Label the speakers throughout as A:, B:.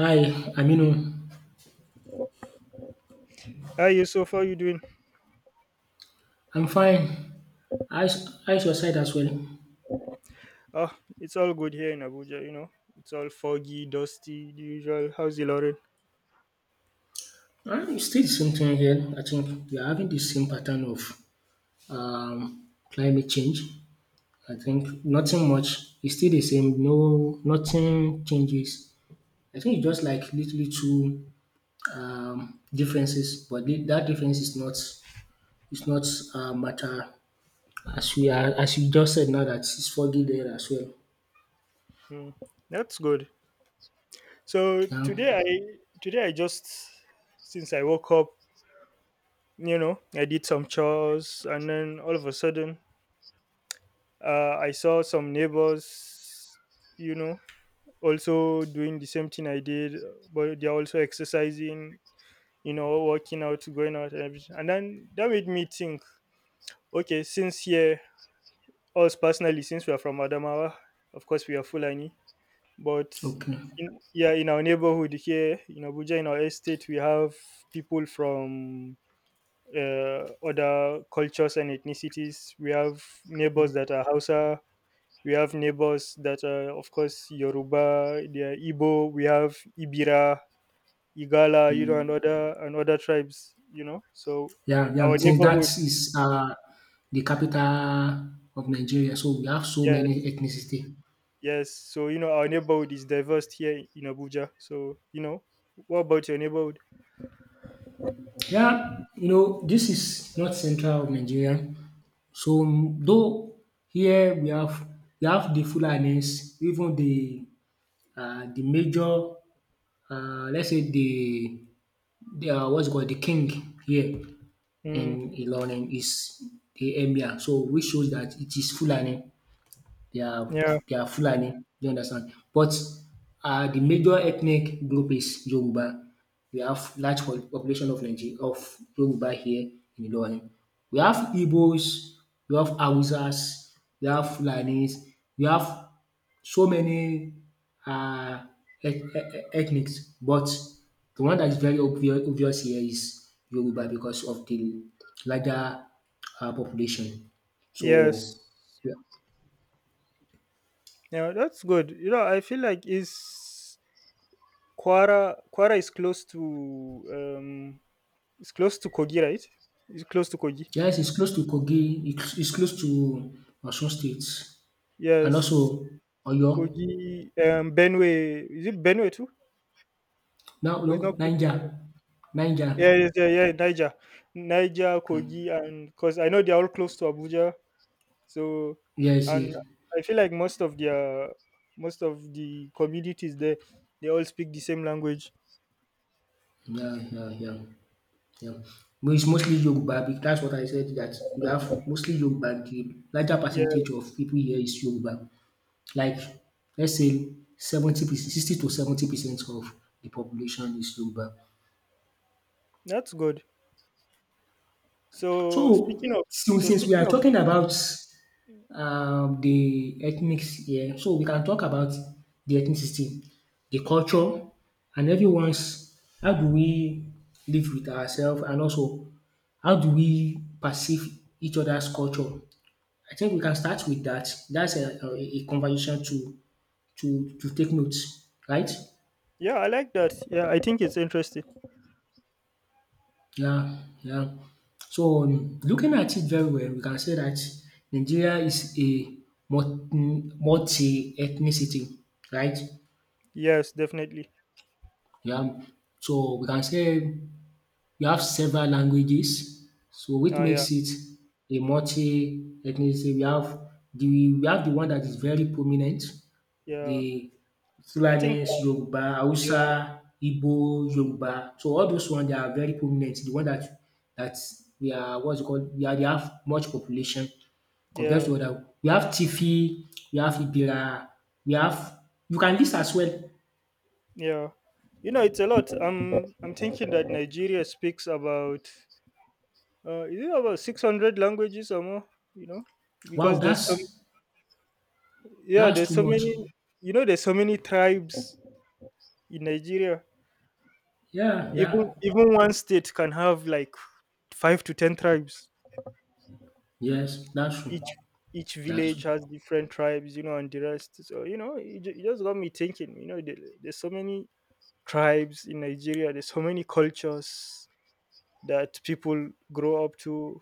A: Hi, Aminu.
B: Hi Yusuf, how you doing?
A: I'm fine. How's your side as well?
B: Ah, it's all good here in Abuja, you know. It's all foggy, dusty, the usual. How's the Lauren?
A: It's still the same thing here. I think we are having the same pattern of um, climate change. I think nothing much. It's still the same. No, nothing changes. I think it's just like little two differences, but that difference is not it's not matter as we are as you just said now that it's foggy there as well.
B: Hmm, that's good. So
A: Yeah.
B: today I just since I woke up, I did some chores, and then all of a sudden, I saw some neighbors, you know, also doing the same thing I did, but they're also exercising, working out, going out, and everything. And then that made me think, okay, since here us personally, since we are from Adamawa, of course we are Fulani. But
A: Okay.
B: yeah, in our neighborhood here in Abuja, in our estate, we have people from other cultures and ethnicities. We have neighbors that are Hausa. We have neighbors that are, of course, Yoruba. They are Igbo. We have Ibira, Igala, and other tribes. You know, so
A: Yeah, yeah,
B: our
A: since that
B: neighborhood,
A: is the capital of Nigeria, so we have so many
B: yes.
A: ethnicity.
B: Yes, so you know our neighborhood is diverse here in Abuja. So, what about your neighborhood?
A: Yeah, this is not central of Nigeria. So though here we have the Fulanis, even the the major let's say the what's it called, the king here
B: Mm,
A: in Ilorin is the emir. So which shows that it is Fulani. They are
B: yeah.
A: they are Fulani, do you understand? But the major ethnic group is Yoruba. We have large po population of Yoruba here in Ilorin. We have Igbos, we have Hausas, we have Fulanis, we have so many um ethnics but the one that is very obvious here is Yoruba because of the larger population. So
B: Yes.
A: yeah.
B: Yeah, that's good. You know, I feel like is Kwara. Kwara is close to it's close to Kogi, right? It's close to Kogi.
A: Yes, it's close to Kogi. It's close to Osun State and
B: Yes,
A: also Oyo.
B: Kogi. Benue. Is it Benue too?
A: Now,
B: Or it's not
A: no,
B: close to Benue.
A: Niger. Niger.
B: Yeah, yes, yeah, yeah. Niger,
A: Mm.
B: Kogi, and because I know they're all close to Abuja. So,
A: Yes, yes.
B: and I feel like most of the communities there, they all speak the same language.
A: Yeah, yeah, yeah, yeah. But it's mostly Yoruba. That's what I said, that we have mostly Yoruba. The larger percentage of
B: Yes,
A: people here is Yoruba. Like, let's say 70%, 60 to 70% of the population is Yoruba.
B: that's good. So
A: So,
B: speaking of,
A: since
B: so
A: since we
B: speaking
A: are
B: of,
A: talking about the ethnics here. So we can talk about the ethnicity, the culture and everyone's how do we live with ourselves and also how do we perceive each other's culture. I think we can start with that. That's a conversation to take notes, right?
B: yeah, I like that. Yeah, I think it's interesting.
A: Yeah, yeah. So looking at it very well, we can say that Nigeria is a multi ethnicity, right?
B: Yes, definitely.
A: Yeah, so we can say we have several languages, so which
B: Yeah,
A: makes it a multi ethnicity. The we have the one that is very prominent,
B: yeah.
A: the
B: I think.
A: Fulanis, Yoruba,
B: Yeah,
A: Hausa, Igbo, Yoruba. So all those ones they are very prominent. The one that we are what's it called, we are they have much population compared
B: yeah,
A: to other. We have Tifi, we have Ibira, we have you can list as well.
B: yeah. It's a lot. I'm thinking that Nigeria speaks about is it about 600 languages or more? You know,
A: Wow,
B: because there's so.
A: that's
B: Yeah, there's
A: too
B: so
A: much.
B: many. There's so many tribes in Nigeria.
A: Yeah, yeah.
B: Even one state can have like five to ten tribes.
A: Yes, that's
B: Each
A: true.
B: each
A: That's
B: village
A: true.
B: has different tribes, and the rest. So it just got me thinking. There's so many tribes in Nigeria. There's so many cultures that people grow up to,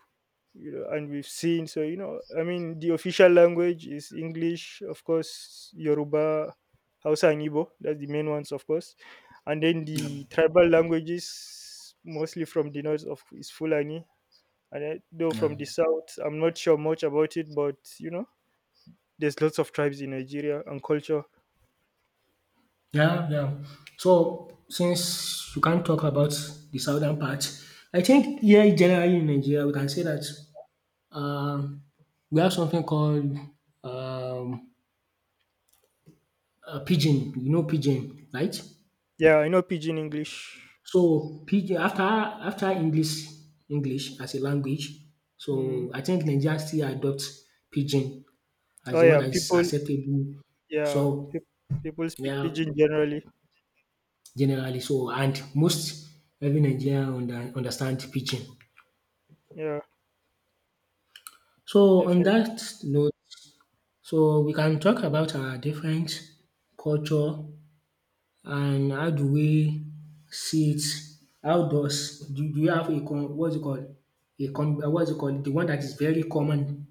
B: and we've seen. So, I mean, the official language is English, of course, Yoruba, Hausa, and Igbo. That's the main ones, of course. And then
A: Yeah.
B: the tribal languages, mostly from the north of, is Fulani, and I, though
A: Yeah.
B: from the south, I'm not sure much about it, but there's lots of tribes in Nigeria and culture.
A: Yeah, yeah. So since you can't talk about the southern part, I think here generally in Nigeria we can say that um we have something called um pidgin, you know pidgin, right?
B: Yeah, I know Pidgin English.
A: So pidgin after English as a language,
B: Mm.
A: so I think Nigeria still adopt pidgin as
B: Oh,
A: the one
B: yeah,
A: that is
B: people.
A: acceptable.
B: Yeah,
A: So
B: people speak
A: yeah,
B: Pidgin generally.
A: generally. So and most every Nigerian understand pidgin.
B: Yeah,
A: So on
B: definitely.
A: that note, so we can talk about our different culture and how do we see it? How does do you have what's it called? What's it called? The one that is very common.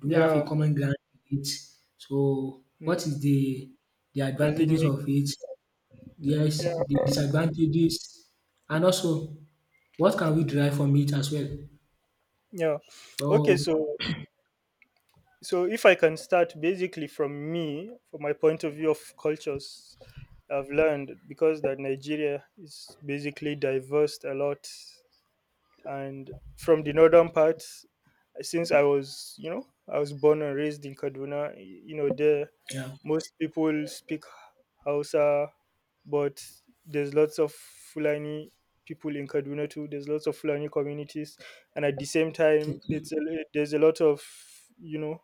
A: Do we have a
B: Yeah.
A: common ground with it? So
B: Mm.
A: what is the
B: Does it
A: advantages
B: make?
A: of it? Yes, the disadvantages and also what can we derive from it as well.
B: Yeah. Okay,
A: So
B: so if I can start basically from me, from my point of view of cultures, I've learned because that Nigeria is basically diverse a lot, and from the northern part, since I was born and raised in Kaduna, there
A: yeah,
B: most people speak Hausa, but there's lots of Fulani people in Kaduna too. There's lots of Fulani communities, and at the same time,
A: okay,
B: there's a lot of, you know,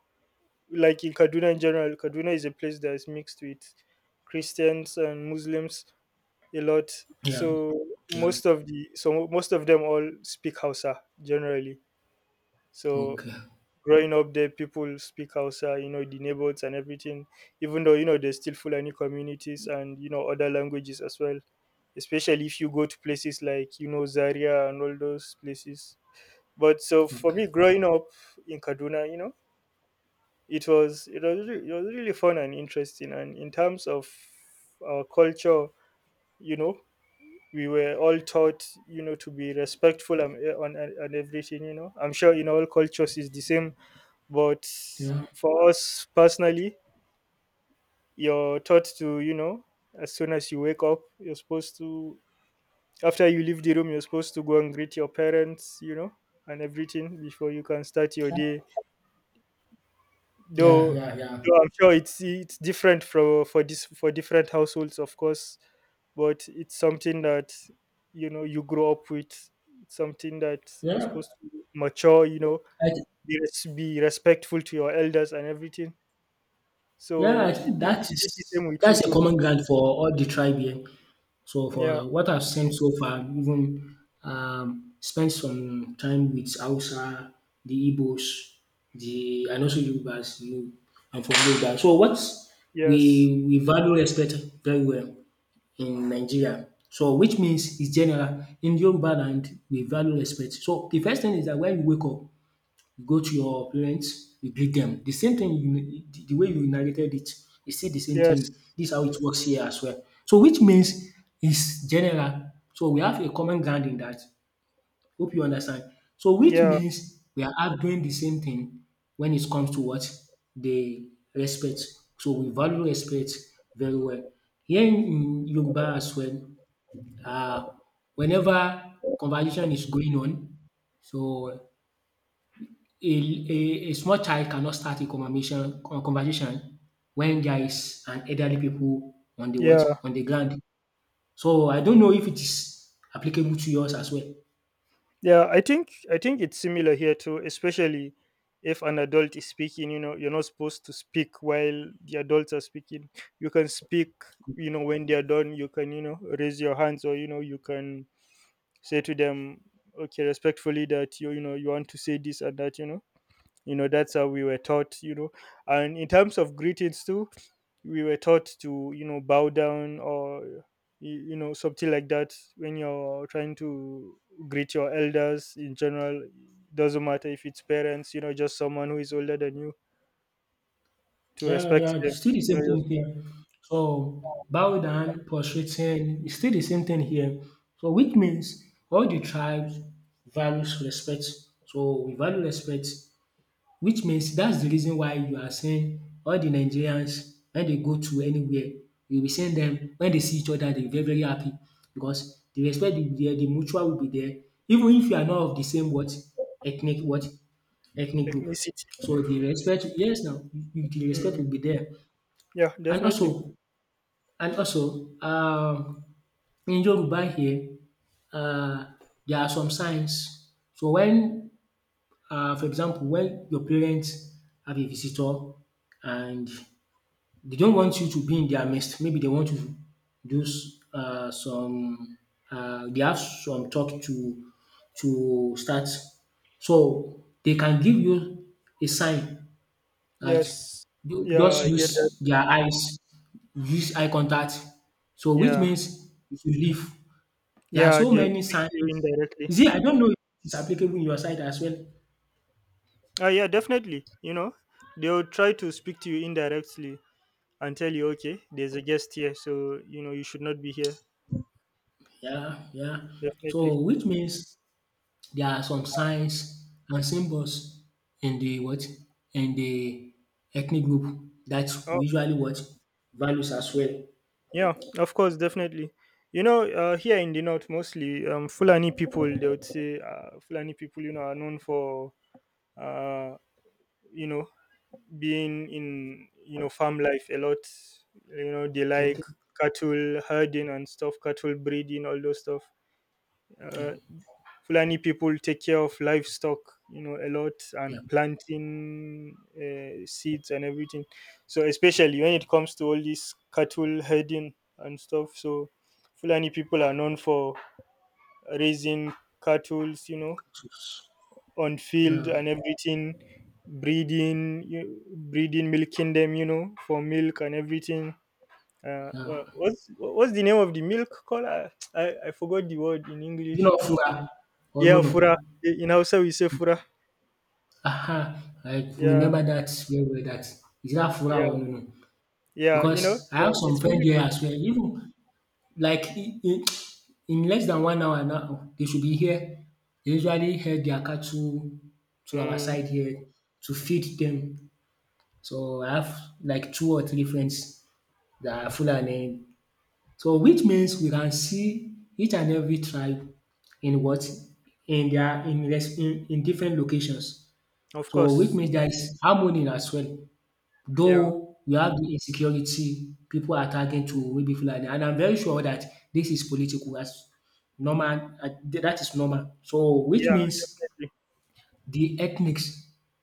B: like in Kaduna in general. Kaduna is a place that is mixed with Christians and Muslims a lot.
A: yeah,
B: So
A: yeah,
B: most of the so most of them all speak Hausa generally. So
A: okay,
B: growing up there, people speak Hausa, the neighbors and everything, even though, there's still Fulani communities and, other languages as well, especially if you go to places like, Zaria and all those places. But so for
A: okay,
B: me, growing up in Kaduna, it was really fun and interesting. And in terms of our culture, you know, we were all taught, to be respectful and on and everything. I'm sure in all cultures is the same, but
A: yeah,
B: for us personally, you're taught to, as soon as you wake up, you're supposed to, after you leave the room, you're supposed to go and greet your parents, and everything before you can start your day.
A: yeah,
B: Though,
A: yeah, yeah,
B: though, I'm sure it's different for different households, of course, but it's something that you know you grow up with. It's something that you're
A: yeah.
B: supposed to mature,
A: I, thi-
B: be respectful to your elders and everything.
A: yeah,
B: So
A: I
B: is
A: think
B: it is it the same with you
A: that's a
B: too?
A: common ground for all the tribe here. So
B: Yeah.
A: for what I've seen so far, even spent some time with Hausa, the Igbos, the and also Yorubas. I'm from Yoruba. So what
B: Yes.
A: we value respect very well in Nigeria. So which means it's general, in Yoruba land we value respect. So the first thing is that when you wake up, you go to your parents, you greet them. The same thing, you the way you narrated it is still the same
B: Yes.
A: thing. This is how it works here as well. So which means it's general. So we have a common ground in that. Hope you understand. So which
B: Yeah.
A: means we are all doing the same thing when it comes to what? The respect. So we value respect very well. Here in Yoruba as well, um whenever conversation is going on, so a small child cannot start a conversation when there is an elderly people on the what?
B: Yeah.
A: On the ground. So I don't know if it is applicable to yours as well.
B: Yeah. I think it's similar here too, especially if an adult is speaking, you're not supposed to speak while the adults are speaking. You can speak, when they are done, you can, raise your hands, or you can say to them, okay, respectfully that you want to say this and that. That's how we were taught, and in terms of greetings too, we were taught to, bow down, or something like that, when you're trying to greet your elders in general. Doesn't matter if it's parents, just someone who is older than you, to
A: Yeah,
B: respect
A: yeah,
B: them
A: still the
B: you
A: same
B: know your
A: thing here. So bow down, prostrating, it's still the same thing here. So which means all the tribes values respect. So we value respect. Which means that's the reason why you are saying all the Nigerians when they go to anywhere, you will send them when they see each other they will very very happy because the respect will be there, the mutual will be there, even if you are not of the same what, ethnic what, ethnic group.
B: ethnicity.
A: So the respect, yes, now the respect
B: Mm,
A: will be there.
B: yeah,
A: And
B: definitely.
A: also and also in Yoruba here, um there are some signs. So when, for example, when your parents have a visitor and they don't want you to be in their midst, maybe they want you to do some they have some talk to start. So they can give you a sign that
B: Yes.
A: you
B: Yeah,
A: just
B: I get that.
A: use their eyes, use eye contact. So which
B: Yeah,
A: means you should leave. There are
B: yeah,
A: so
B: they'll
A: many
B: speak to you
A: signs.
B: indirectly.
A: You see, I don't know if it's applicable in your side as well.
B: Ah, yeah, definitely, they'll try to speak to you indirectly and tell you, okay, there's a guest here, so you should not be here.
A: Yeah, yeah.
B: Definitely.
A: So which means there are some signs and symbols in the what, in the ethnic group that
B: Oh,
A: usually what values as well.
B: yeah, of course, definitely. Here in the north, mostly Fulani people, they would say, Fulani people, are known for uh, you know being in, farm life a lot. They like
A: Okay.
B: cattle herding and stuff, cattle breeding, all those stuff.
A: Yeah.
B: Uh, Fulani people take care of livestock, a lot, and
A: Yeah.
B: planting seeds and everything. So especially when it comes to all this cattle herding and stuff, so Fulani people are known for raising cattle,
A: Jesus.
B: on field
A: Yeah.
B: and everything, breeding, milking them, for milk and everything. Uh,
A: Yeah.
B: wha- what's what's the name of the milk called? I forgot the word in
A: You
B: English.
A: know, Fura. Oh no,
B: Yeah,
A: no.
B: fura. In Hausa we say fura.
A: Aha. I
B: Yeah,
A: remember that very well. That is that Fura or
B: yeah,
A: no, no.
B: yeah.
A: Because I
B: So
A: have some
B: it's
A: friend
B: really
A: here
B: good.
A: as well. Even Like in less than 1 hour now they should be here. They usually herd their cattle to our
B: Mm,
A: side here to feed them. So I have like two or three friends that are Fulani. So which means we can see each and every tribe in what? In their, in less in different locations.
B: of
A: So which
B: course.
A: means there is harmony as well.
B: Yeah,
A: Though we have the insecurity, people are targeting to maybe Fulani and I'm very sure that this is political as normal, that is normal. So which
B: yeah, I
A: means
B: agree.
A: the ethnics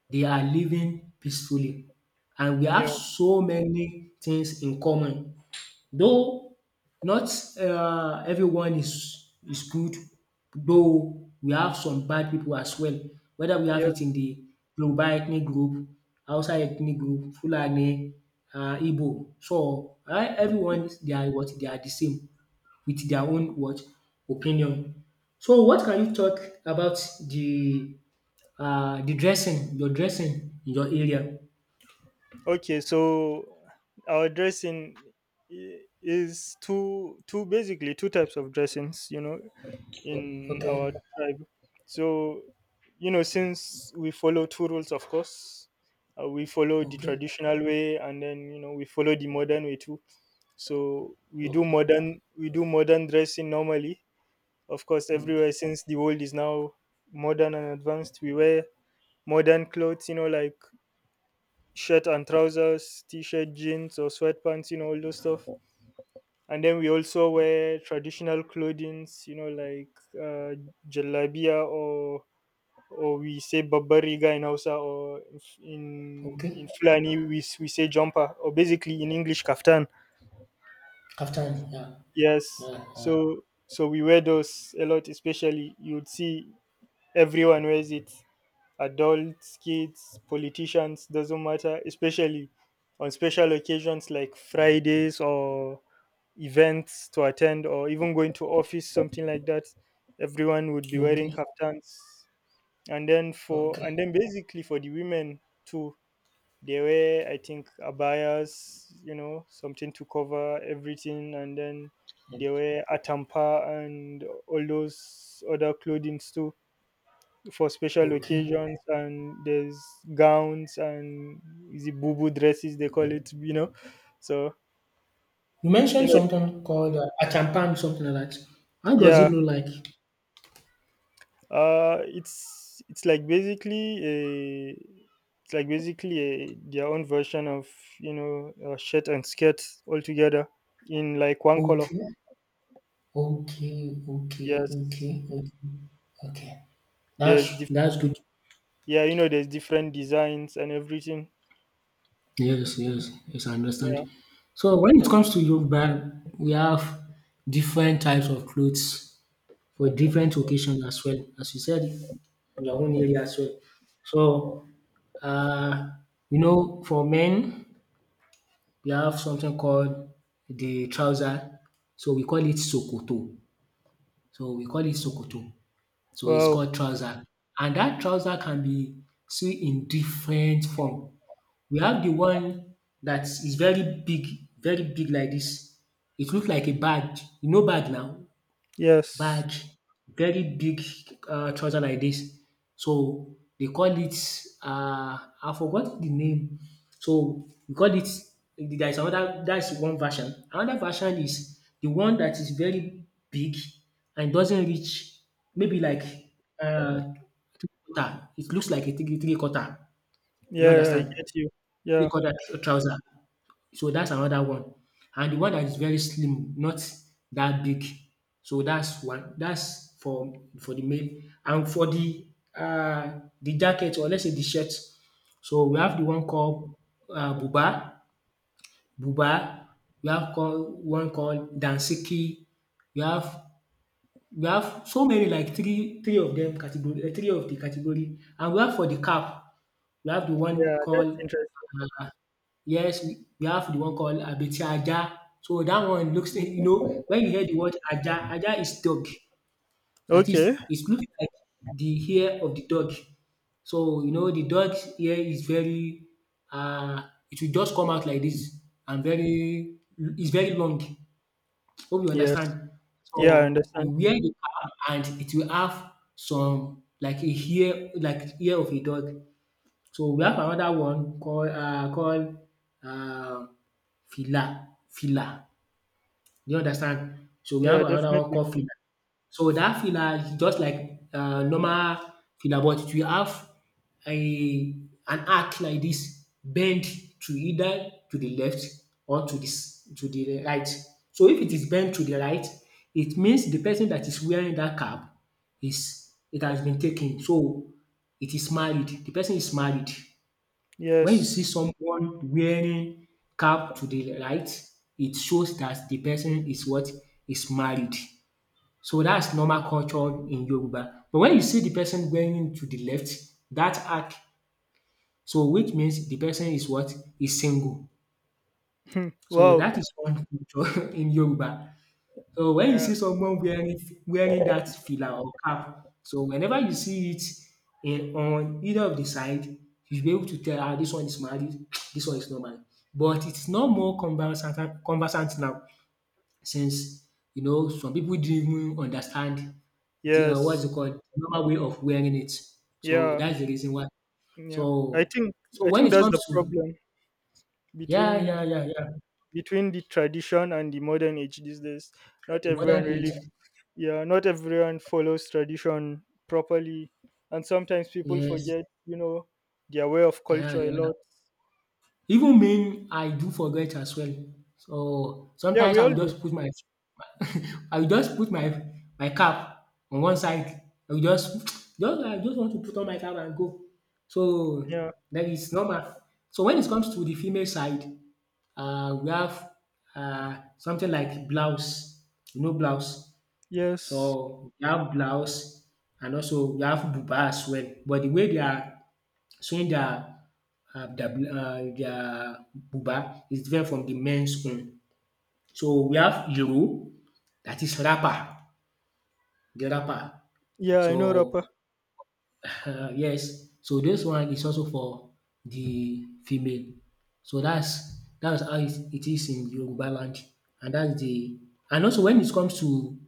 A: they are living peacefully and we
B: Yeah,
A: have so many things in common. Though not everyone is good, though we have some bad people as well, whether we have
B: yeah.
A: it in the Yoruba ethnic group, Hausa ethnic group, Fulani, Igbo. So everyone they are what, they are the same with their own what, opinion. So what can you talk about the the dressing, your dressing in your area?
B: Okay, so our dressing is two, two basically two types of dressings. You know,
A: O
B: in our
A: Okay,
B: tribe. So, since we follow two rules, of course. We follow the
A: okay,
B: traditional way, and then we follow the modern way too, so we do
A: okay,
B: modern dressing normally. Of course,
A: okay,
B: everywhere, since the world is now modern and advanced, we wear modern clothes, like shirt and trousers, t shirt, jeans, or sweatpants, all those stuff. And then we also wear traditional clothings, like jalabia, or we say babariga in Hausa, or if in
A: okay.
B: Fulani we say jumper, or basically in English, kaftan.
A: Kaftan, yeah,
B: Yes.
A: yeah, yeah.
B: So we wear those a lot, especially you'd see everyone wears it, adults, kids, politicians, doesn't matter, especially on special occasions like Fridays, or events to attend, or even going to office, something like that. Everyone would be wearing
A: Okay,
B: kaftans. And then for
A: okay,
B: and then basically for the women too, they wear, I think, abayas, something to cover everything, and then
A: yeah,
B: they wear atampa and all those other clothing too for special
A: okay.
B: occasions, and there's gowns, and is it boo boo dresses they call it, so
A: You
B: you
A: mentioned
B: know
A: something called achampam, something like that. How does
B: yeah.
A: it look like?
B: uh it's it's like basically a it's like basically a, their own version of, a shirt and skirt altogether, in like one color.
A: Okay, okay, okay,
B: Yes.
A: okay, okay, okay.
B: there's
A: That's
B: diff-
A: good.
B: yeah, there's different designs and everything.
A: Yes, yes, yes, I
B: Yeah.
A: understand. So when it comes to Yoruba, we have different types of clothes for different occasions as well, as you said, in your own area as well. So, uh, for men, we have something called the trouser, so we call it sokoto. So we call it sokoto. So it's
B: Wow.
A: called trouser. And that trouser can be seen in different form. We have the one that is very big, very big like this. It looks like a bag. You know bag now?
B: Yes.
A: Bag, very big trouser like this. So they call it, uh, I forgot the name. So we call it there is another. That's one version. Another version is the one that is very big and doesn't reach maybe like uh, three quarter. It looks like a three quarter. You
B: Yeah, I
A: understand?
B: get you.
A: Three
B: Yeah,
A: quarter trouser. So that's another one. And the one that is very slim, not that big. So that's one. That's for the male. And for the jacket or let's say the shirt. So we have the one called buba, buba. We have call one called dansiki. We have We have so many like three of them category, three of the category, and we have for the cap, we have the one
B: yeah, that's
A: called
B: interesting.
A: um yes, we have the one called abeti ajá. So that one looks, you know, when you hear the word ajá, ajá is dog. That
B: Okay.
A: is It looks like the hair of the dog. So you know the dog's hair is very um it will just come out like this, and very it's very long. Hope you
B: Yes.
A: understand. So
B: Yeah, I understand.
A: you wear the cap and it will have some like a hair like ear of a dog. So we have another one called um fila. Do you understand? So we have
B: Yeah,
A: another one
B: definitely.
A: called filler. So that filler is just like normal filler, but it will have a an arc like this, bend to either to the left or to the right. So if it is bent to the right, it means the person that is wearing that cap is it has been taken. So it is married. The person is married. When you see
B: Yes.
A: someone wearing cap to the right, it shows that the person is what? Is married. So that's normal culture in Yoruba. But when you see the person wearing to the left, that arc, so which means the person is what? Is single. So
B: Wow.
A: that is one culture in Yoruba. So when you
B: Yeah.
A: see someone wearing that fila or cap, so whenever you see it in on either of the side, you'll be able to tell ah, this one is married, this one is not married. But it's not more conversant now since some people didn't even understand the what's it
B: Yes.
A: called normal way of wearing it. So
B: Yeah.
A: that's the reason why.
B: Yeah. I
A: So
B: think
A: so
B: I
A: when
B: think
A: it
B: that's
A: comes
B: the
A: to,
B: problem
A: yeah,
B: between
A: yeah, yeah, yeah,
B: between the tradition and the modern age these days.
A: at
B: Not
A: the
B: everyone
A: modern
B: really.
A: age,
B: Yeah, not everyone follows tradition properly, and sometimes people
A: yes,
B: forget, their way of
A: yeah,
B: culture a
A: yeah.
B: lot.
A: Even me, I do forget as well. So
B: Yeah,
A: sometimes
B: we
A: I
B: all
A: will
B: do.
A: just put my I will just put my cap on one side. I will just just I just want to put on my cap and go. So
B: Yeah.
A: that is normal. So when it comes to the female side, we have something like blouse, blouse.
B: Yes.
A: So we have blouse and also we have buba as well. But the way they are showing their their buba is different from the men's own. So we have iro that is rapper the rapper.
B: Yeah, I know rapper.
A: So yes, so this one is also for the female. So that's how it is in Yoruba land, and that's the and also when it comes to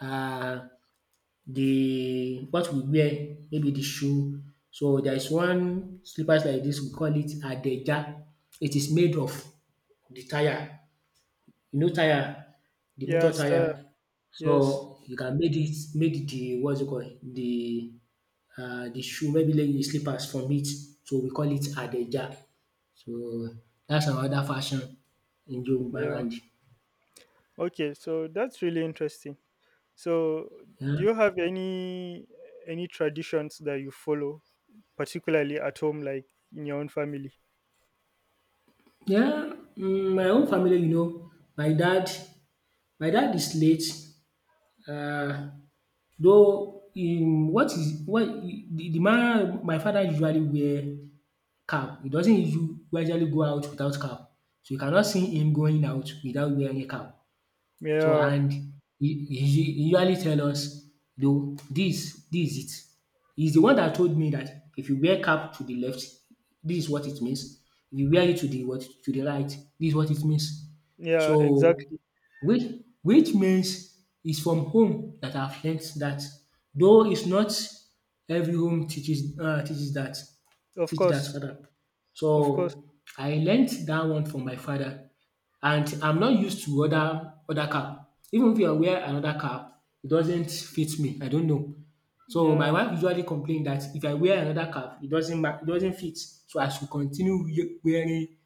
A: um the what we wear, maybe the shoe. So there is one slippers like this. We call it Adeja. It is made of the tyre. You know tyre, the motor
B: Yes, sir.
A: tyre.
B: Yes.
A: So you can make it, made the what's it called the shoe maybe, like the slippers from it. So we call it Adeja. So that's another fashion in Yoruba
B: Yeah.
A: land.
B: Okay, so that's really interesting. So, do
A: Yeah.
B: you have any traditions that you follow, particularly at home, like in your own family?
A: Yeah, my own family, my dad my dad is late. Uh, though in what is what the man, my father, usually wear cap. He doesn't usually go out without cap. So you cannot see him going out without wearing a cap. So
B: Yeah,
A: and he usually tell us, though this is it. He's the one that told me that if you wear cap to the left, this is what it means, if you wear it to the right, this is what it means.
B: yeah,
A: So
B: exactly.
A: which which means it's from home that I've learned that, though it's not every home teaches uh, teaches that
B: Of
A: teach that
B: course,
A: rather.
B: of course.
A: So I learned that one from my father, and I'm not used to other cap. Even if I wear another cap, it doesn't fit me. I don't know. So my
B: Yeah,
A: wife usually complain that if I wear another cap, it doesn't fit. So I should continue wearing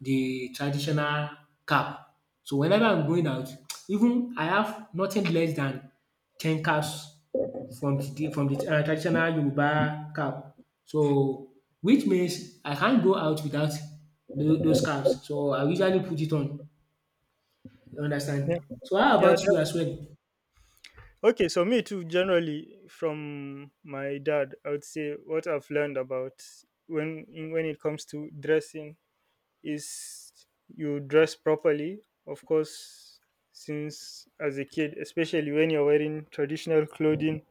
A: the traditional cap. So whenever I'm going out, even I have nothing less than 10 caps from the traditional Yoruba cap. So which means I can't go out without those caps. So I usually put it on. You
B: yeah,
A: understand? So how
B: yeah.
A: about you as well?
B: Okay, so me too. Generally, from my dad, I would say what I've learned about when it comes to dressing is you dress properly. Of course, since as a kid, especially when you're wearing traditional clothing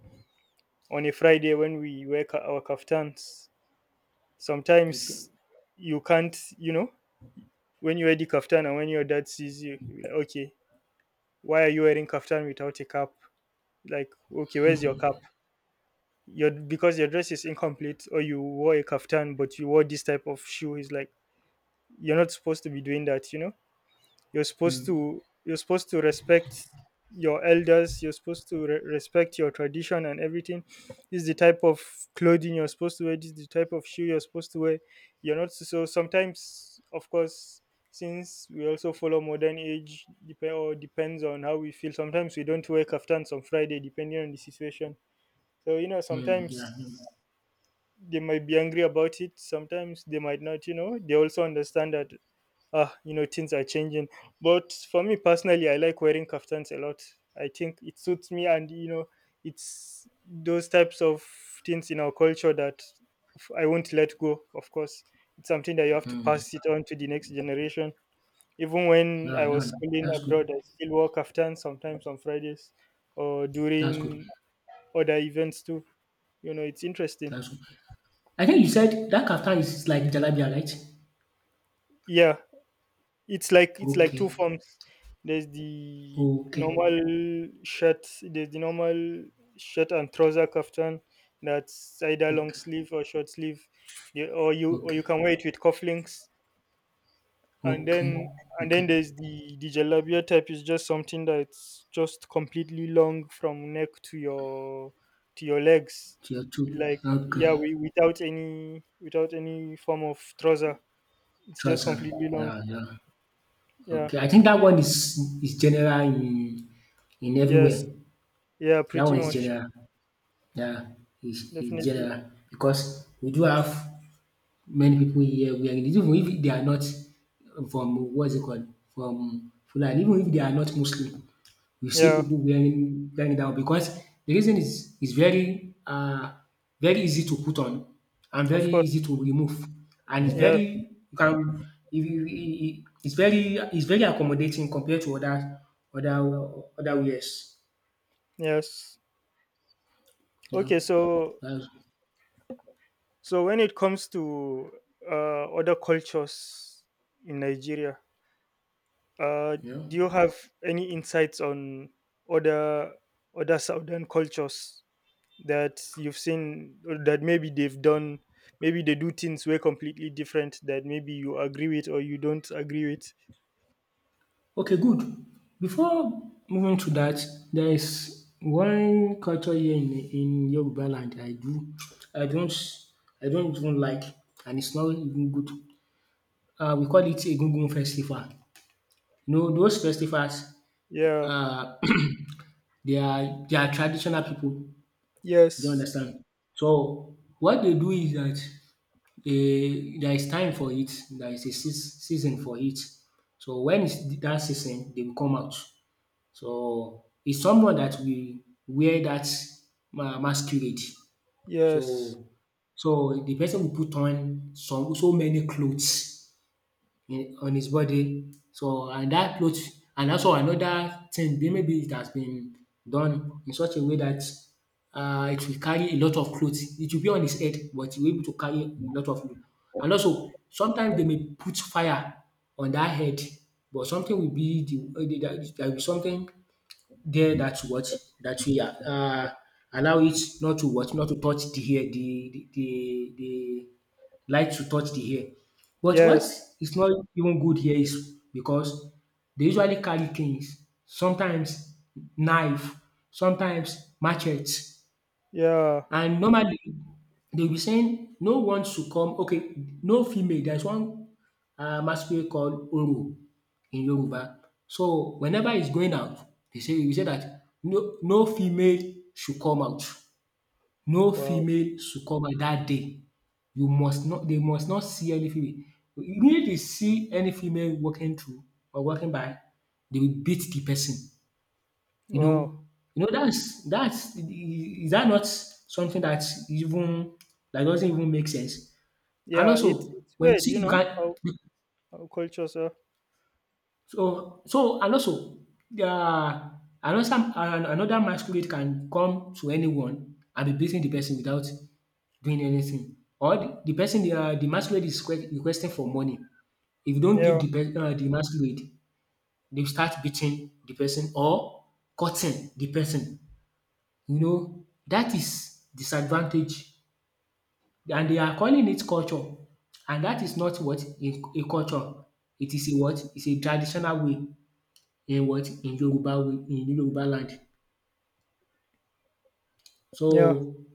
B: on a Friday when we wear our kaftans,
A: Okay.
B: sometimes you can't, when you wear the kaftan and when your dad sees you, he'll be like, okay, why are you wearing kaftan without a cap? Like, okay, where's your cap? Your because your dress is incomplete, or you wore a kaftan but you wore this type of shoe. He's like, you're not supposed to be doing that, you know. you're supposed
A: Hmm.
B: to you're supposed to respect your elders, you're supposed to respect your tradition and everything. This is the type of clothing you're supposed to wear, this is the type of shoe you're supposed to wear. You're not. So sometimes, of course, since we also follow modern age, depends on how we feel, sometimes we don't wear kaftans on Friday depending on the situation. So
A: Mm,
B: sometimes
A: yeah. Hmm.
B: they might be angry about it, sometimes they might not. You know, they also understand that, you know, things are changing. But for me personally, I like wearing kaftans a lot. I think it suits me, and you know, it's those types of things in our culture that I won't let go. Of course, it's something that you have to
A: Mm.
B: pass it on to the next generation. Even when I
A: Yeah,
B: was
A: yeah.
B: schooling
A: That's good.
B: abroad, I still wore kaftans sometimes on Fridays or
A: That's good.
B: during other events too. You know, it's interesting.
A: That's good. I think you said that kaftan is like jalabiya, right?
B: Yeah. It's like, it's like
A: Okay.
B: two forms. There's the
A: Okay,
B: normal shirt. There's the normal shirt and trouser kaftan. That's either long
A: okay,
B: sleeve or short sleeve. Yeah, or
A: okay,
B: you can wear it with cufflinks. And
A: okay,
B: then, and
A: okay.
B: then there's the jalabia type. Is just something that's just completely long from neck to your legs.
A: Tier 2,
B: Like,
A: okay.
B: yeah, we, without any form of trouser. It's just
A: Trust.
B: completely long.
A: Yeah, yeah.
B: Yeah.
A: Okay, I think that one is general in
B: Yes.
A: everywhere.
B: Yeah,
A: That
B: pretty
A: one is
B: much.
A: general. Yeah, is
B: Definitely.
A: general because we do have many people here where even if they are not from what's it called from Fulani, even if they are not Muslim, you see
B: Yeah,
A: people wearing that one because the reason is very very easy to put on and
B: of
A: very
B: course.
A: easy to remove, and it's
B: Yes,
A: very, you can if you e- it's very accommodating compared to other other wears.
B: yes.
A: You
B: Okay,
A: know,
B: so
A: that's,
B: so when it comes to other cultures in Nigeria, uh,
A: you know.
B: do you have any insights on other other southern cultures that you've seen or that maybe they've done, maybe they do things way completely different that maybe you agree with or you don't agree with?
A: Okay, good. Before moving to that, there is one culture here in Yoruba land I don't I don't even like, and it's not even good. We call it Egungun festival. You know those festivals,
B: Yeah.
A: uh, they are traditional people, you don't
B: Yes.
A: understand. So what they do is that, there is time for it, there is a season for it. So when it's that season, they will come out. So it's someone that will wear that masquerade.
B: Yes.
A: So so the person will put on some so many clothes in on his body. So and that cloth, and also another thing, be maybe it has been done in such a way that, it will carry a lot of clothes. It will be on his head, but he will be able to carry a lot, of and also sometimes they may put fire on that head, but something will be there will be something there that what that will allow it not to touch the hair, the the the the light to touch the hair. But what
B: Yes.
A: is not even good here is because they usually carry things, sometimes knife, sometimes machete,
B: Yeah.
A: and normally they'll be saying no one should come, okay, no female, there's one masquerade called Oro in Yoruba. So whenever he's going out, they say we say that no female should come out. No
B: Wow.
A: female should come out dat day. You must not they must not see any female. If they see any female walking through or walking by, they will beat the person. You
B: Wow.
A: know you know that's is that not something even that doesn't even make sense? And
B: Yeah. It,
A: also
B: it's
A: when you
B: weird,
A: see
B: you
A: you
B: know,
A: can,
B: how cultures are.
A: so so and also another an- another masquerade can come to anyone and be beating the person without doing anything, or the person, the masquerade is requesting for money. If you don't give
B: Yeah.
A: the pe the masquerade, they will start beating the person or cutting the person. You know, that is disadvantage, and they are calling it culture, and that is not what, a culture. It is a what? It's a traditional way in what? In Yoruba way, in Yoruba land.
B: Yeah.
A: So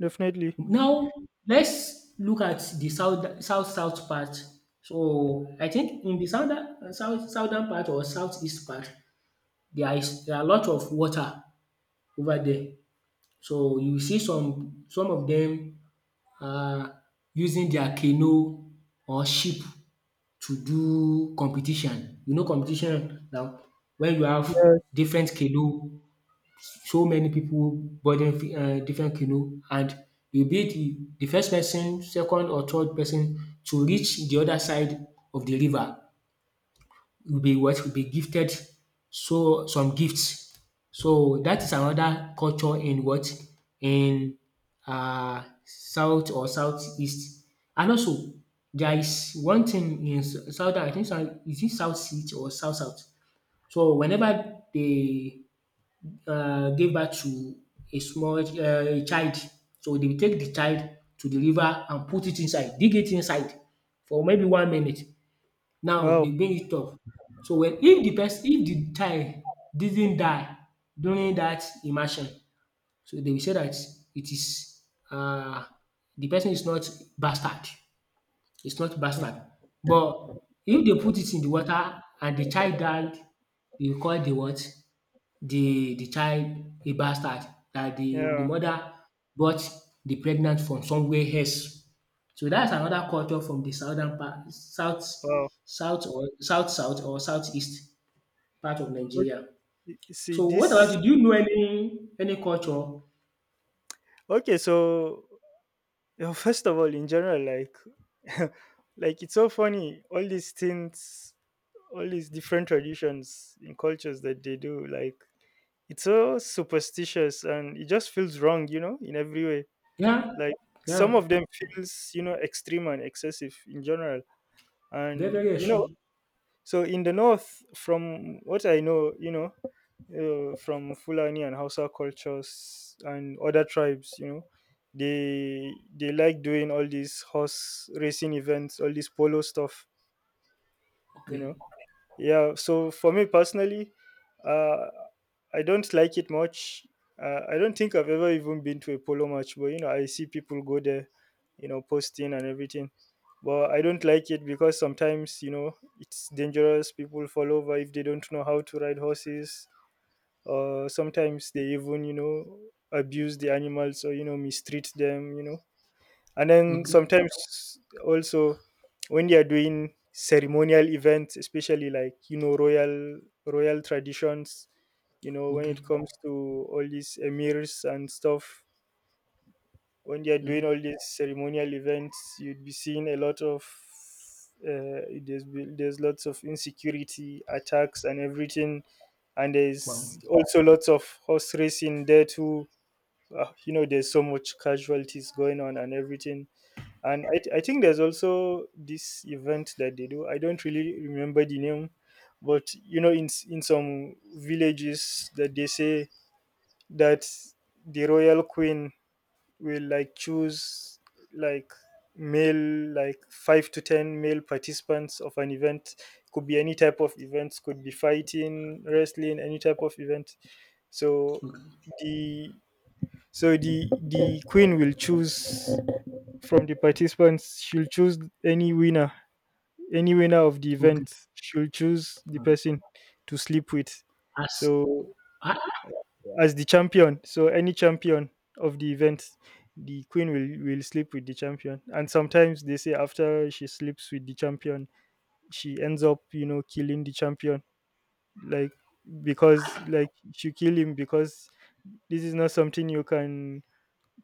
B: Definitely.
A: now let's look at the south part. So I think in the southern part or southeast part, there are a lot of water over there. So you see some of dem, um using their canoe or ship to do competition. You know, competition now, when you have
B: Yes.
A: different canoe, so many people boarding, different canoe, and you be the first person, second or third person to reach the other side of the river will be what? Will be gifted so some gifts. So that is another culture in what? In south or southeast. And also there is one thing in south, I think south, is it south east or south south. So whenever they gave birth to a small a child, so they will take the child to the river and put it inside, dig it inside for maybe one minute. Now
B: Wow.
A: dey bring it up. So well, if de person, if de child didn't die during dat immersion, so dey will say dat it is um de person is not bastard, is not
B: Hmm.
A: bastard. But if dey put it in de water and de child died, dey will call de what? De child a bastard, dat de
B: Yeah.
A: mother brought de pregnant from somewhere else. So that's another culture from the southern part,
B: Wow.
A: south south or southeast part of
B: Ok-
A: Nigeria.
B: See
A: So what about
B: this.
A: you? Do you know any culture?
B: Okay. So yeah, first of all, in general, like, like it's so funny all these things, all these different traditions and cultures that they do. Like, it's so superstitious and it just feels wrong, you know, in every way.
A: Yeah,
B: Like, some
A: yeah,
B: of them feels, you know, extreme and excessive in general.
A: very
B: And
A: very
B: you know,
A: extreme.
B: so in the north, from what I know, you know, from Fulani and Hausa cultures and other tribes, you know, they like doing all these horse racing events, all this polo stuff, you know.
A: Okay,
B: Yeah, so for me personally, uh, I don't like it much. I don't think I've ever even been to a polo match, but you know, I see people go there, you know, posting and everything. But I don't like it because sometimes, you know, it's dangerous. People fall over if they don't know how to ride horses. Or sometimes they even, you know, abuse the animals or, you know, mistreat them, you know. And then
A: okay,
B: sometimes also when they are doing ceremonial events, especially like, you know, royal traditions, you know, when
A: okay.
B: it comes to all these emirs and stuff, when they are
A: Yeah.
B: doing all these ceremonial events, you'd be seeing a lot of there's lots of insecurity attacks and everything, and
A: Wow.
B: there's also lots of horse racing there too. You know, there's so much casualties going on and everything, and I think there's also this event that they do. I don't really remember the name, but you know, in some villages, that they say that the royal queen will like choose, like, male, like 5 to 10 male participants of an event. Could be any type of events. Could be fighting, wrestling, any type of event. So
A: Okay, okay.
B: the so the queen will choose from the participants, she'll choose any winner, any winner of the
A: Okay.
B: event, she'll choose the person to sleep with.
A: As
B: So
A: ah,
B: as the champion, so any champion of the event, the queen will sleep with the champion, and sometimes they say after she sleeps with the champion, she ends up, you know, killing the champion. Like, because like, she kill him because this is not something you can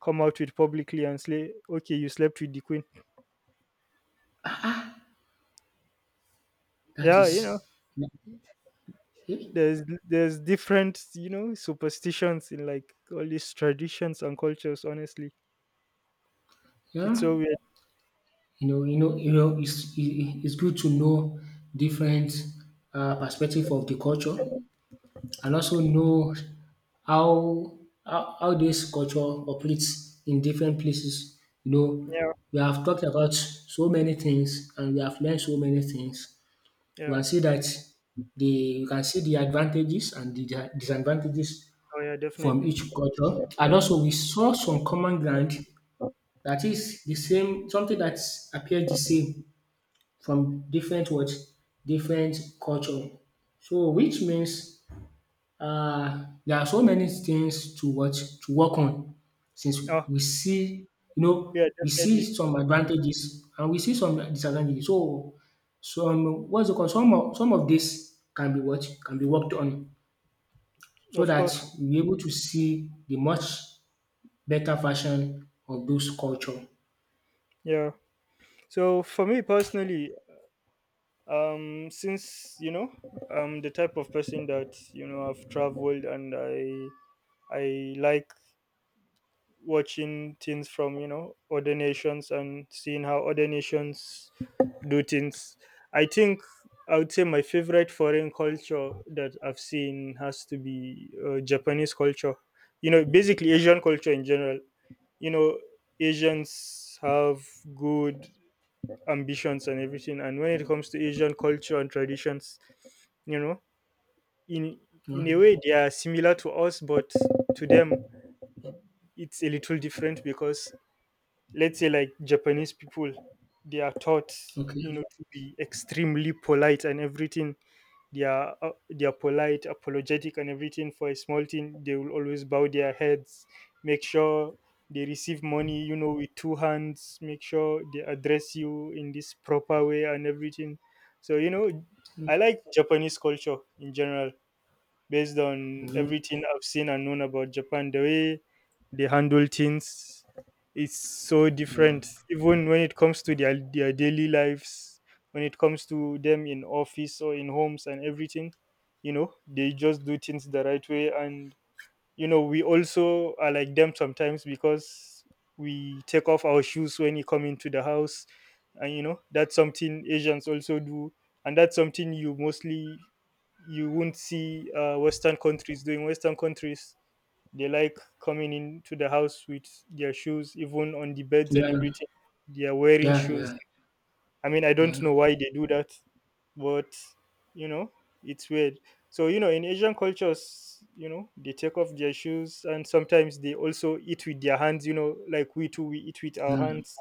B: come out with publicly and say, okay, you slept with the queen.
A: that
B: Yeah, you know,
A: is. Eh,
B: there's different, you know, superstitions in like all these traditions and cultures, honestly. It's
A: Yeah,
B: so weird.
A: you know, you know, you know. It's it's good to know different, perspective of the culture, and also know how how this culture operates in different places. You know,
B: Yeah,
A: we have talked about so many things and we have learned so many things. We
B: yeah.
A: can see that the you can see the advantages and the disadvantages
B: Oh yeah,
A: from
B: definitely.
A: each culture. And also we saw some common ground that is the same, something that appears the same from different what different culture. So which means there are so many things to watch to work on since
B: Oh
A: we see you know
B: yeah,
A: we
B: definitely,
A: see some advantages and we see some disadvantages. So some what's it called, some of this can be what can be worked on so
B: of
A: that
B: course.
A: we are able to see the much better version of those culture,
B: Yeah, so for me personally, since you know, I'm the type of person that, you know, I've traveled and I like watching things from, you know, other nations and seeing how other nations do things. I think I would say my favorite foreign culture that I've seen has to be, Japanese culture. You know, basically Asian culture in general. You know, Asians have good ambitions and everything, and when it comes to Asian culture and traditions, you know, in
A: you
B: in a
A: know.
B: way they are similar to us, but to them it's a little different because, let's say like Japanese people, they are taught,
A: Okay,
B: you know,
A: you
B: to be extremely polite and everything. They are polite, apologetic, and everything. For a small thing, they will always bow their heads, make sure they receive money, you know, with two hands. Make sure they address you in this proper way and everything. So you know, I like Japanese culture in general based on
A: know.
B: everything I've seen and known about Japan. The way they handle things is so
A: Yeah.
B: different, even when it comes to their daily lives, when it comes to them in office or in homes and everything. You know, they just do things the right way, and you know, we also are like them sometimes because we take off our shoes when you come into the house, and you know, that's something Asians also do, and that's something you mostly you won't see, Western countries doing. Western countries, they like coming into the house with their shoes, even on the beds and
A: Yeah,
B: everything, they are wearing
A: yeah,
B: shoes.
A: yeah,
B: I mean, I don't
A: yeah,
B: know why they do that, but you know, it's weird. So you know, in Asian cultures, you know, they take off their shoes, and sometimes they also eat with their hands. You know, like we too, we eat with our
A: yeah.
B: hands,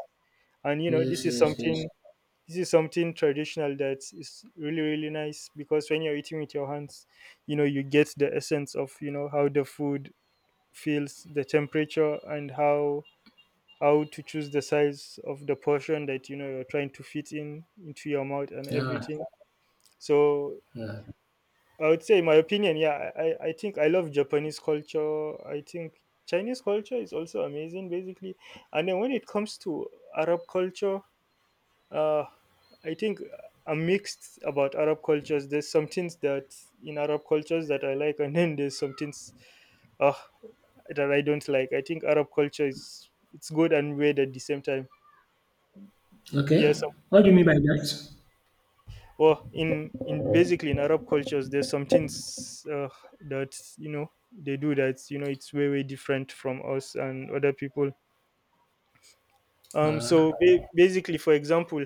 B: and you know,
A: Yes,
B: this is
A: yes, yes.
B: something. This is something traditional that is really really nice, because when you're eating with your hands, you know, you get the essence of, you know, how the food feels, the temperature, and how to choose the size of the portion that, you know, you're trying to fit in into your mouth and
A: Yeah,
B: everything. So
A: yeah.
B: I would say in my opinion, yeah, I think I love Japanese culture. I think Chinese culture is also amazing, basically. And then when it comes to Arab culture, uh I think I'm mixed about Arab cultures. There's some things that in Arab cultures that I like, and then there's some things, uh, that I don't like. I think Arab culture is, it's good and weird at the same time.
A: Okay.
B: Yes.
A: What do you mean by that?
B: Well, in basically in Arab cultures, there's some things, that you know they do that, you know, it's way way different from us and other people. So basically, for example,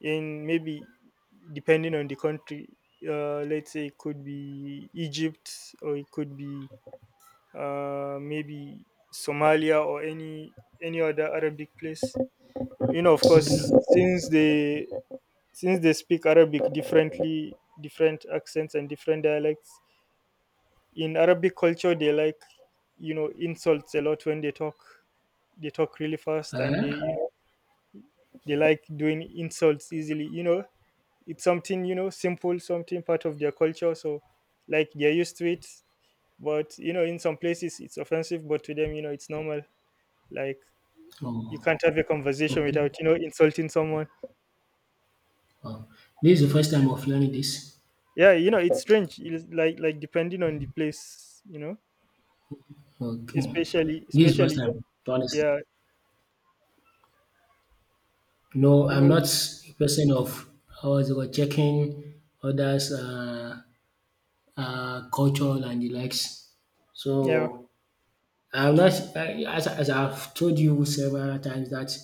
B: in maybe depending on the country, let's say it could be Egypt, or it could be, maybe Somalia or any other Arabic place. You know, of course,
A: Okay.
B: since they since they speak Arabic differently, different accents and different dialects. In Arabic culture, they like, you know, insults a lot when they talk. They talk really fast, and
A: Uh,
B: they like doing insults easily. You know, it's something you know simple, something part of their culture. So like they're used to it. But you know, in some places it's offensive, but to them, you know, it's normal. Like, you
A: oh,
B: can't have a conversation
A: okay.
B: without, you know, insulting someone.
A: Oh, this is the first time of learning this.
B: Yeah, you know, it's strange. It's like depending on the place, you know.
A: Okay.
B: especially
A: This is first
B: especially
A: time, honestly.
B: Yeah.
A: No,
B: You know.
A: I'm not a person of, how is it called, checking others' culture and the likes.
B: Yeah.
A: So I'm not I, as, I've told you several times that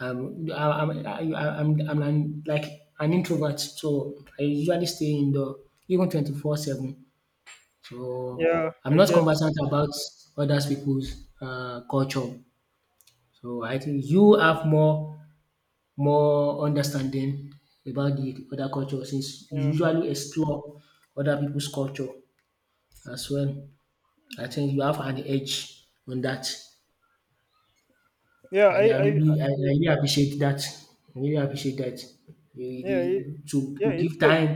A: um I, I'm I, I'm an, like an introvert. So I usually stay indoor even 24/7. So
B: Yeah,
A: I'm
B: I
A: not
B: get.
A: conversant about other people's culture. So I think you have more understanding about the other culture since you
B: Yeah.
A: usually explore other people's culture as well. I think you have an edge on that,
B: Yeah.
A: and
B: I-
A: I really appreciate that. I really appreciate that.
B: yeah.
A: The to
B: Yeah,
A: give
B: it's good.
A: time,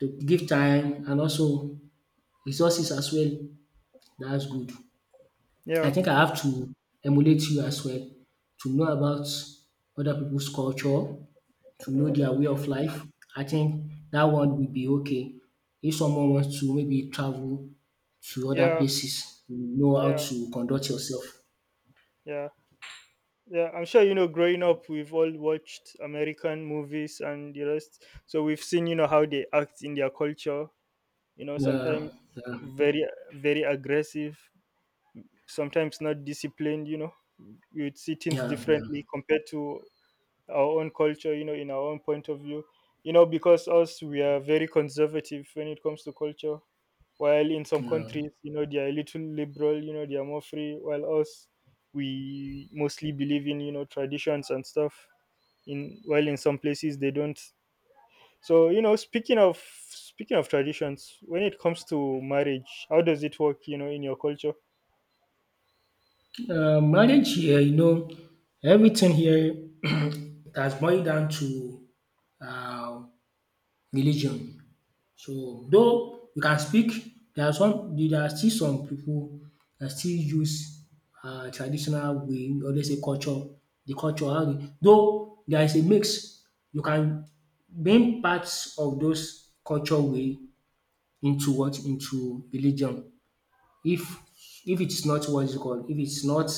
A: to give time and also resources as well. That's good.
B: Yeah
A: I think I have to emulate you as well to know about other people's culture, to know their way of life. I think that one will be okay. If someone wants to maybe travel to other
B: yeah.
A: places, you know how
B: Yeah.
A: to conduct yourself.
B: Yeah. Yeah, I'm sure, you know, growing up, we've all watched American movies and the rest, so we've seen, you know, how they act in their culture. You know,
A: Yeah,
B: sometimes
A: yeah,
B: very, very aggressive, sometimes not disciplined, you know. You would see things
A: yeah,
B: differently
A: yeah.
B: compared to our own culture, you know, in our own point of view. You know, because us, we are very conservative when it comes to culture, while in some
A: Yeah.
B: countries, you know, they are a little liberal, you know, they are more free, while us, we mostly believe in, you know, traditions and stuff. In While in some places they don't. So, you know, speaking of traditions, when it comes to marriage, how does it work, you know, in your culture?
A: Marriage here, you know, everything here has boiled down to uh, religion. So though you can speak, there are some, there are still some people that still use traditional way, or let's say culture, the culture how dey, though there is a mix. You can bring parts of those culture way into what? Into religion. If if it's not what is it called, if it's not,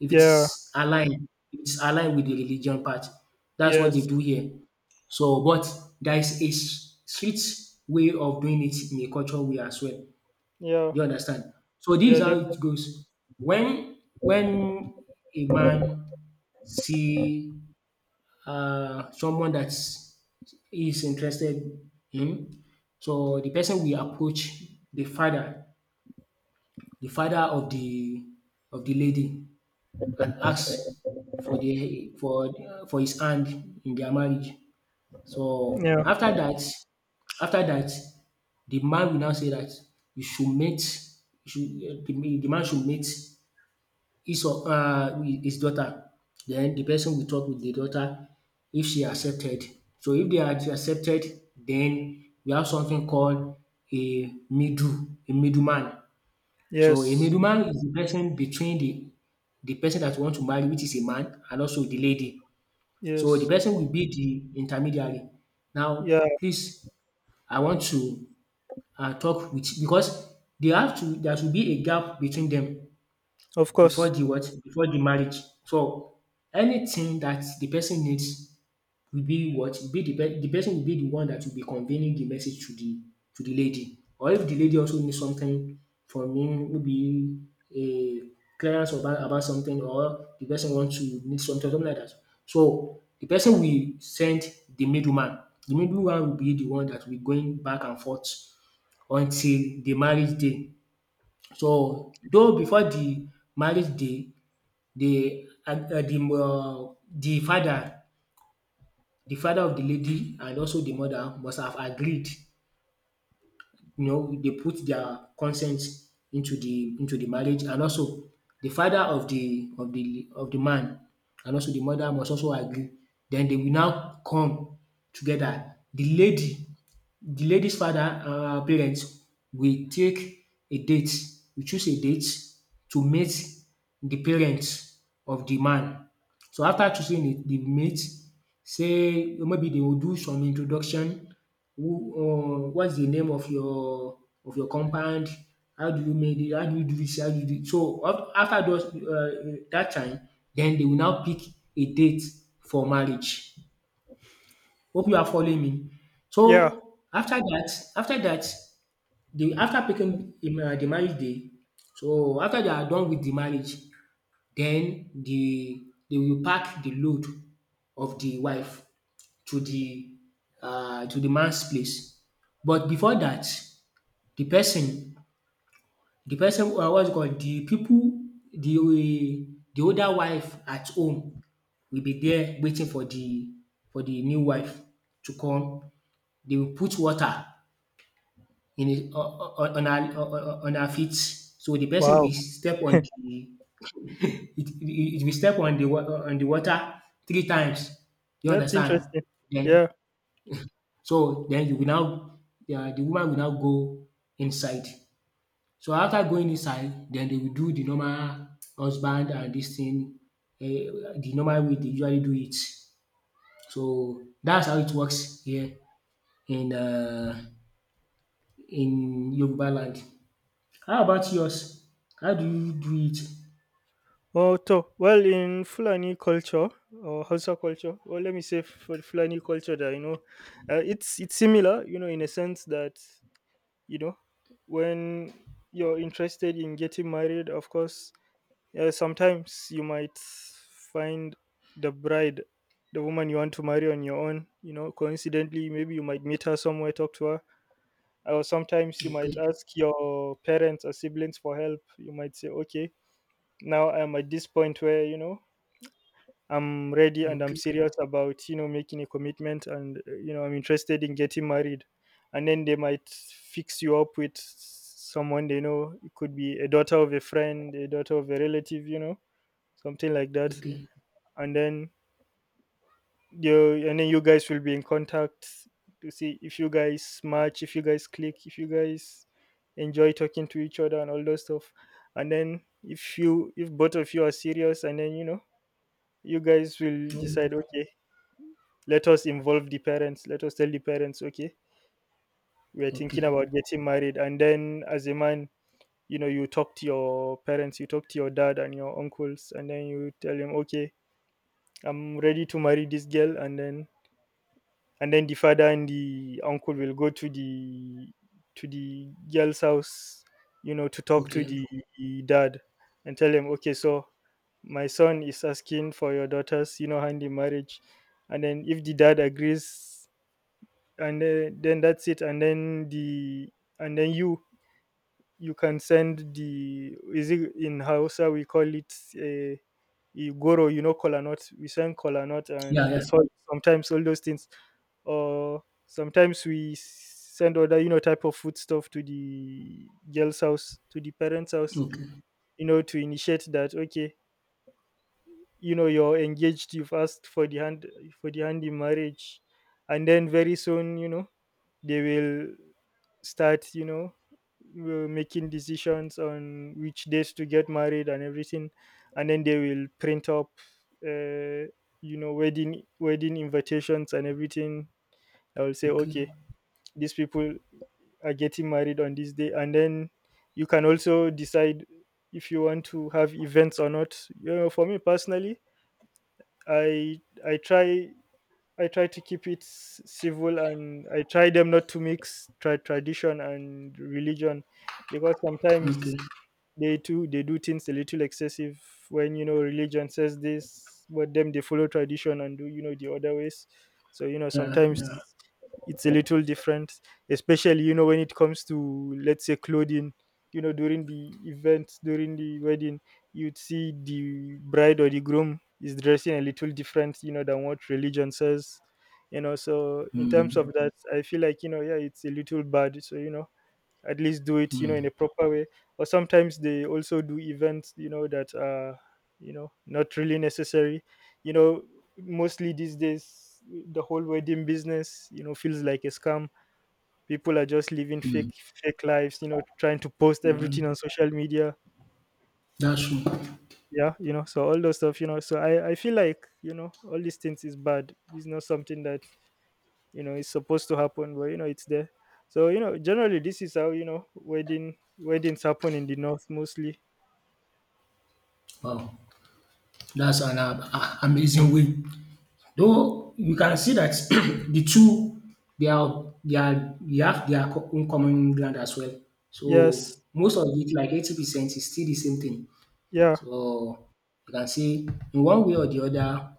A: if
B: Yeah.
A: it's aligned, if it's aligned with the religion part, that's what they
B: Yes.
A: do here. So, but there is a s- strict way of doing it in a cultural way as well.
B: Yeah.
A: You understand? So this
B: Yeah.
A: is how
B: Definitely.
A: it goes. When a man see someone that is interested in, so the person will approach the father, the father of the of the lady, and asked for the for his hand in their marriage. So
B: Yeah.
A: after that, the man will now say that you should mate, you should, the man should mate his, or his daughter. Then the person will talk with the daughter if she accepted. So if they are accepted, then we have something called a middle a middleman. So a
B: Yes.
A: middleman is the person between the person that you want to marry, which is a man, and also the lady. So the
B: Yes.
A: person will be the intermediary. Now,
B: Yeah.
A: please, I want to talk with, because they have to, there should be a gap between them
B: Of
A: before
B: course.
A: the what, before the marriage. So anything that the person needs will be what? Be the pe the person will be the one that will be conveying the message to the, to the lady. Or if the lady also needs something from him, maybe a clearance about something, or the person want to need something, something like that. So the person will send the middleman. The middleman will be the one that will be going back and forth until the marriage day. So though before the marriage day, the father, the father of the lady, and also the mother must have agreed. You know, they put their consent into the, into the marriage, and also the father of the of the man, and also the mother must also agree. Then they will now come together. The lady, the lady's father and her parents will take a date, we choose a date to meet the parents of the man. So after choosing the mate, say maybe they will do some introduction. Who what's the name of your compound? How do you make it? How do you do this? How do you do it? So af after those that time, then they will now pick a date for marriage. Hope you are following me.
B: Yeah.
A: So after that, the after picking the marriage day, so after they are done with the marriage, then they will pack the load of the wife to the to the man's place. But before that, the person the person, what's it called, the people, the older wife at home, will be there waiting for the, for the new wife to come. They will put water in, on on her feet. So the person
B: Wow,
A: will step on the, It if you step on the wa on the water three times, you
B: that's
A: understand?
B: interesting.
A: Then,
B: Yeah.
A: so then you will now, the woman will now go inside. So after going inside, then they will do the normal husband and this thing, um the normal way they usually do it. So that's how it works here in um in Yoruba land. How about yours? How do you do it?
B: Oh, so well, in Fulani culture or Hausa culture, well, let me say for the Fulani culture that, you know, it's similar, you know, in a sense that, you know, when you're interested in getting married, of course, sometimes you might find the bride, the woman you want to marry on your own. You know, coincidentally, maybe you might meet her somewhere, talk to her, or sometimes you might
A: Okay,
B: ask your parents or siblings for help. You might say, okay, now I'm at this point where, you know, I'm ready, and I'm
A: okay,
B: serious about, you know, making a commitment, and, you know, I'm interested in getting married, and then they might fix you up with someone they know. It could be a daughter of a friend, a daughter of a relative, you know, something like that.
A: okay,
B: And then you guys will be in contact to see if you guys match, if you guys click, if you guys enjoy talking to each other and all those stuff. And then, if both of you are serious, and then, you know, you guys will
A: oh
B: decide, okay, let us involve the parents, let us tell the parents, okay, we're thinking
A: okay,
B: about getting married. And then, as a man, you know, you talk to your parents, you talk to your dad and your uncles, and then you tell him, okay, I'm ready to marry this girl. And then the father and the uncle will go to the girl's house, you know, to talk to the
A: okay.
B: dad, and tell him, okay, so my son is asking for your daughter's, you know, hand in marriage. And then, if the dad agrees, and then that's it. And then you can send the — is it in Hausa, we call it a goro, you know, kola nut. We send kola nut
A: Yeah,
B: and
A: yeah.
B: salt. Sometimes all those things, or sometimes we send other, you know, type of food stuff to the girl's house, to the parents' house,
A: Okay,
B: you know, to initiate that. Okay, you know, you're engaged, you've asked for the hand in marriage. And then, very soon, you know, they will start, you know, will making decisions on which days to get married and everything. And then they will print up, uh, you know, wedding invitations and everything. I will say,
A: okay,
B: okay, these people are getting married on this day, and then you can also decide if you want to have events or not. You know, for me personally, I I try I try to keep it civil, and I try them not to mix tradition and religion, because sometimes
A: okay.
B: they too, they do things a little excessive, when, you know, religion says this, but them, they follow tradition and do, you know, the other ways. So, you know,
A: Yeah, yeah.
B: sometimes it's a little different, especially, you know, when it comes to, let's say, clothing. You know, during the event, during the wedding, you'd see the bride or the groom is dressing a little different, you know, than what religion says. You know, so in terms
A: Hmm,
B: of that, I feel like, you know, yeah, it's a little bad. So, you know, at least do it, you know, in a proper way. Or sometimes they also do events, you know, that are, you know, not really necessary. You know, mostly these days, the whole wedding business, you know, feels like a scam. People are just living
A: hmm.
B: fake, fake lives, you know, trying to post
A: Yeah.
B: everything on social media.
A: That's true.
B: Yeah, you know, so all those stuff, you know. So I feel like, you know, all these things is bad. It's not something that, you know, is supposed to happen, but, you know, it's there. So, you know, generally this is how, you know, weddings happen in the north, mostly.
A: Wow, that's an a- amazing way. Though you can see that the two, they have their co- own common ground as well. So
B: Yes.
A: most of it, like 80%, is still the same thing.
B: Yeah.
A: So you can see in one way or the other,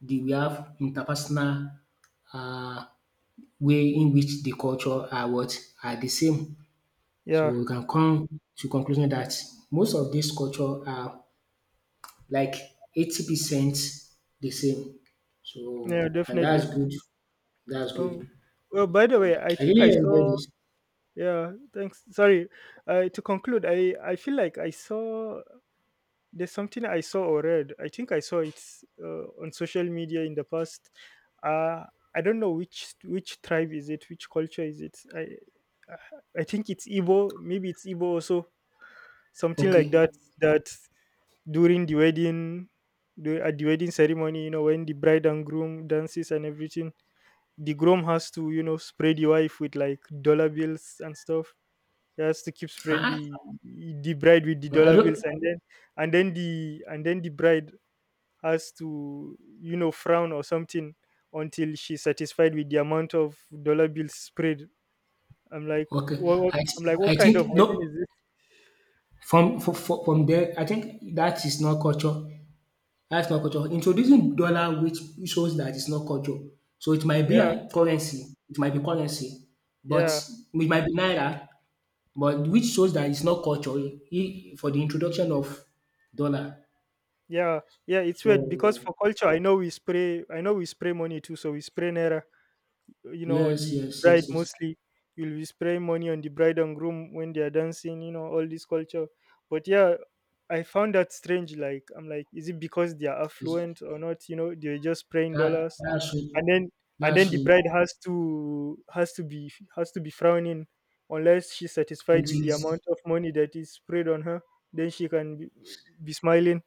A: the, we have interpersonal uh, way in which the culture are what, are the same.
B: Yeah.
A: So we can come to conclusion that most of these culture are like 80 percent the same.
B: Yeah,
A: So and
B: definitely.
A: that's good. That's
B: um
A: good.
B: well, by the
A: Um,
B: way, I
A: I
B: think I
A: really enjoy
B: saw —
A: this.
B: yeah, thanks. Sorry. To conclude, I feel like I saw — there's something I saw or read. I think I saw it, on social media in the past. Uh, I don't know which tribe is it, which culture is it. I think it's Igbo. Maybe it's Igbo also. Something like
A: Okay.
B: that. That during the wedding, at the wedding ceremony, you know, when the bride and groom dances and everything, the groom has to, you know, spray the wife with like dollar bills and stuff. He has to keep spraying
A: Uh-uh.
B: the bride with the
A: I
B: dollar bills,
A: don't.
B: and then and then the bride has to, you know, frown or something, until she's satisfied with the amount of dollar bills sprayed. I'm like,
A: Okay.
B: what,
A: I
B: I'm like, what
A: I
B: kind of
A: think
B: wedding
A: no.
B: is this?
A: From from from there, I think that is not culture. That's not culture. Introducing dollar, which shows that it's not culture. So it might be
B: Yeah,
A: a currency. It might be currency, but
B: yeah,
A: it might be naira. But which shows that it's not culture, I- for the introduction of dollar.
B: yeah, yeah. It's
A: So
B: weird because for culture, I know we spray, I know we spray money too, so we spray naira. You know, on
A: yes,
B: the
A: yes, yes,
B: bride
A: yes.
B: mostly, you'll be spraying money on the bride and groom when they are dancing, you know, all this culture. But yeah, I found that strange. Like, I'm like, is it because they are
A: It's,
B: affluent or not, you know, they're just spraying
A: that
B: dollars.
A: that's it.
B: And then
A: That's
B: the
A: it.
B: bride has to — be — frowning, unless she's satisfied with
A: Until
B: the
A: it's,
B: amount of money that is sprayed on her, then she can be, smiling.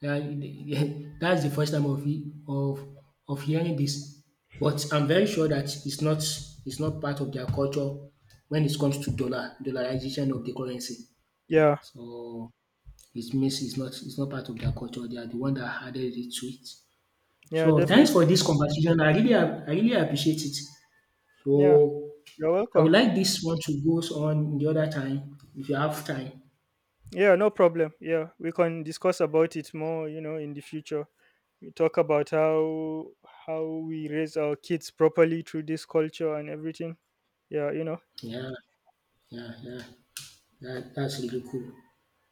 A: that- that's the first time of it, of hearing this. But I'm very sure that it's not, it's not part of their culture when it comes to dollar dollarization of the currency.
B: Yeah.
A: So it means it's not, it's not part of their culture. They are the one that added it to it.
B: Yeah,
A: So thanks
B: definitely.
A: for this conversation. I really ap- I really appreciate it.
B: Yeah.
A: So
B: You're
A: I
B: welcome.
A: would like this one to go on the other time if you have time.
B: Yeah, no problem. Yeah, we can discuss about it more, you know, in the future. We talk about how we raise our kids properly through this culture and everything. Yeah, you know.
A: Yeah, yeah, yeah. That, that's really cool.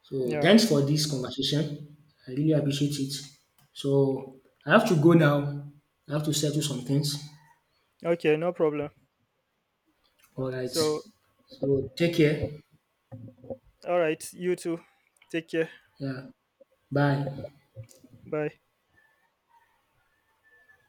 A: So
B: Yeah.
A: thanks for this conversation. I really appreciate it. So I have to go now. I have to settle some things.
B: Okay, no problem.
A: All right.
B: So,
A: So take care.
B: all right, you too. Take care.
A: Yeah. Bye.
B: Bye.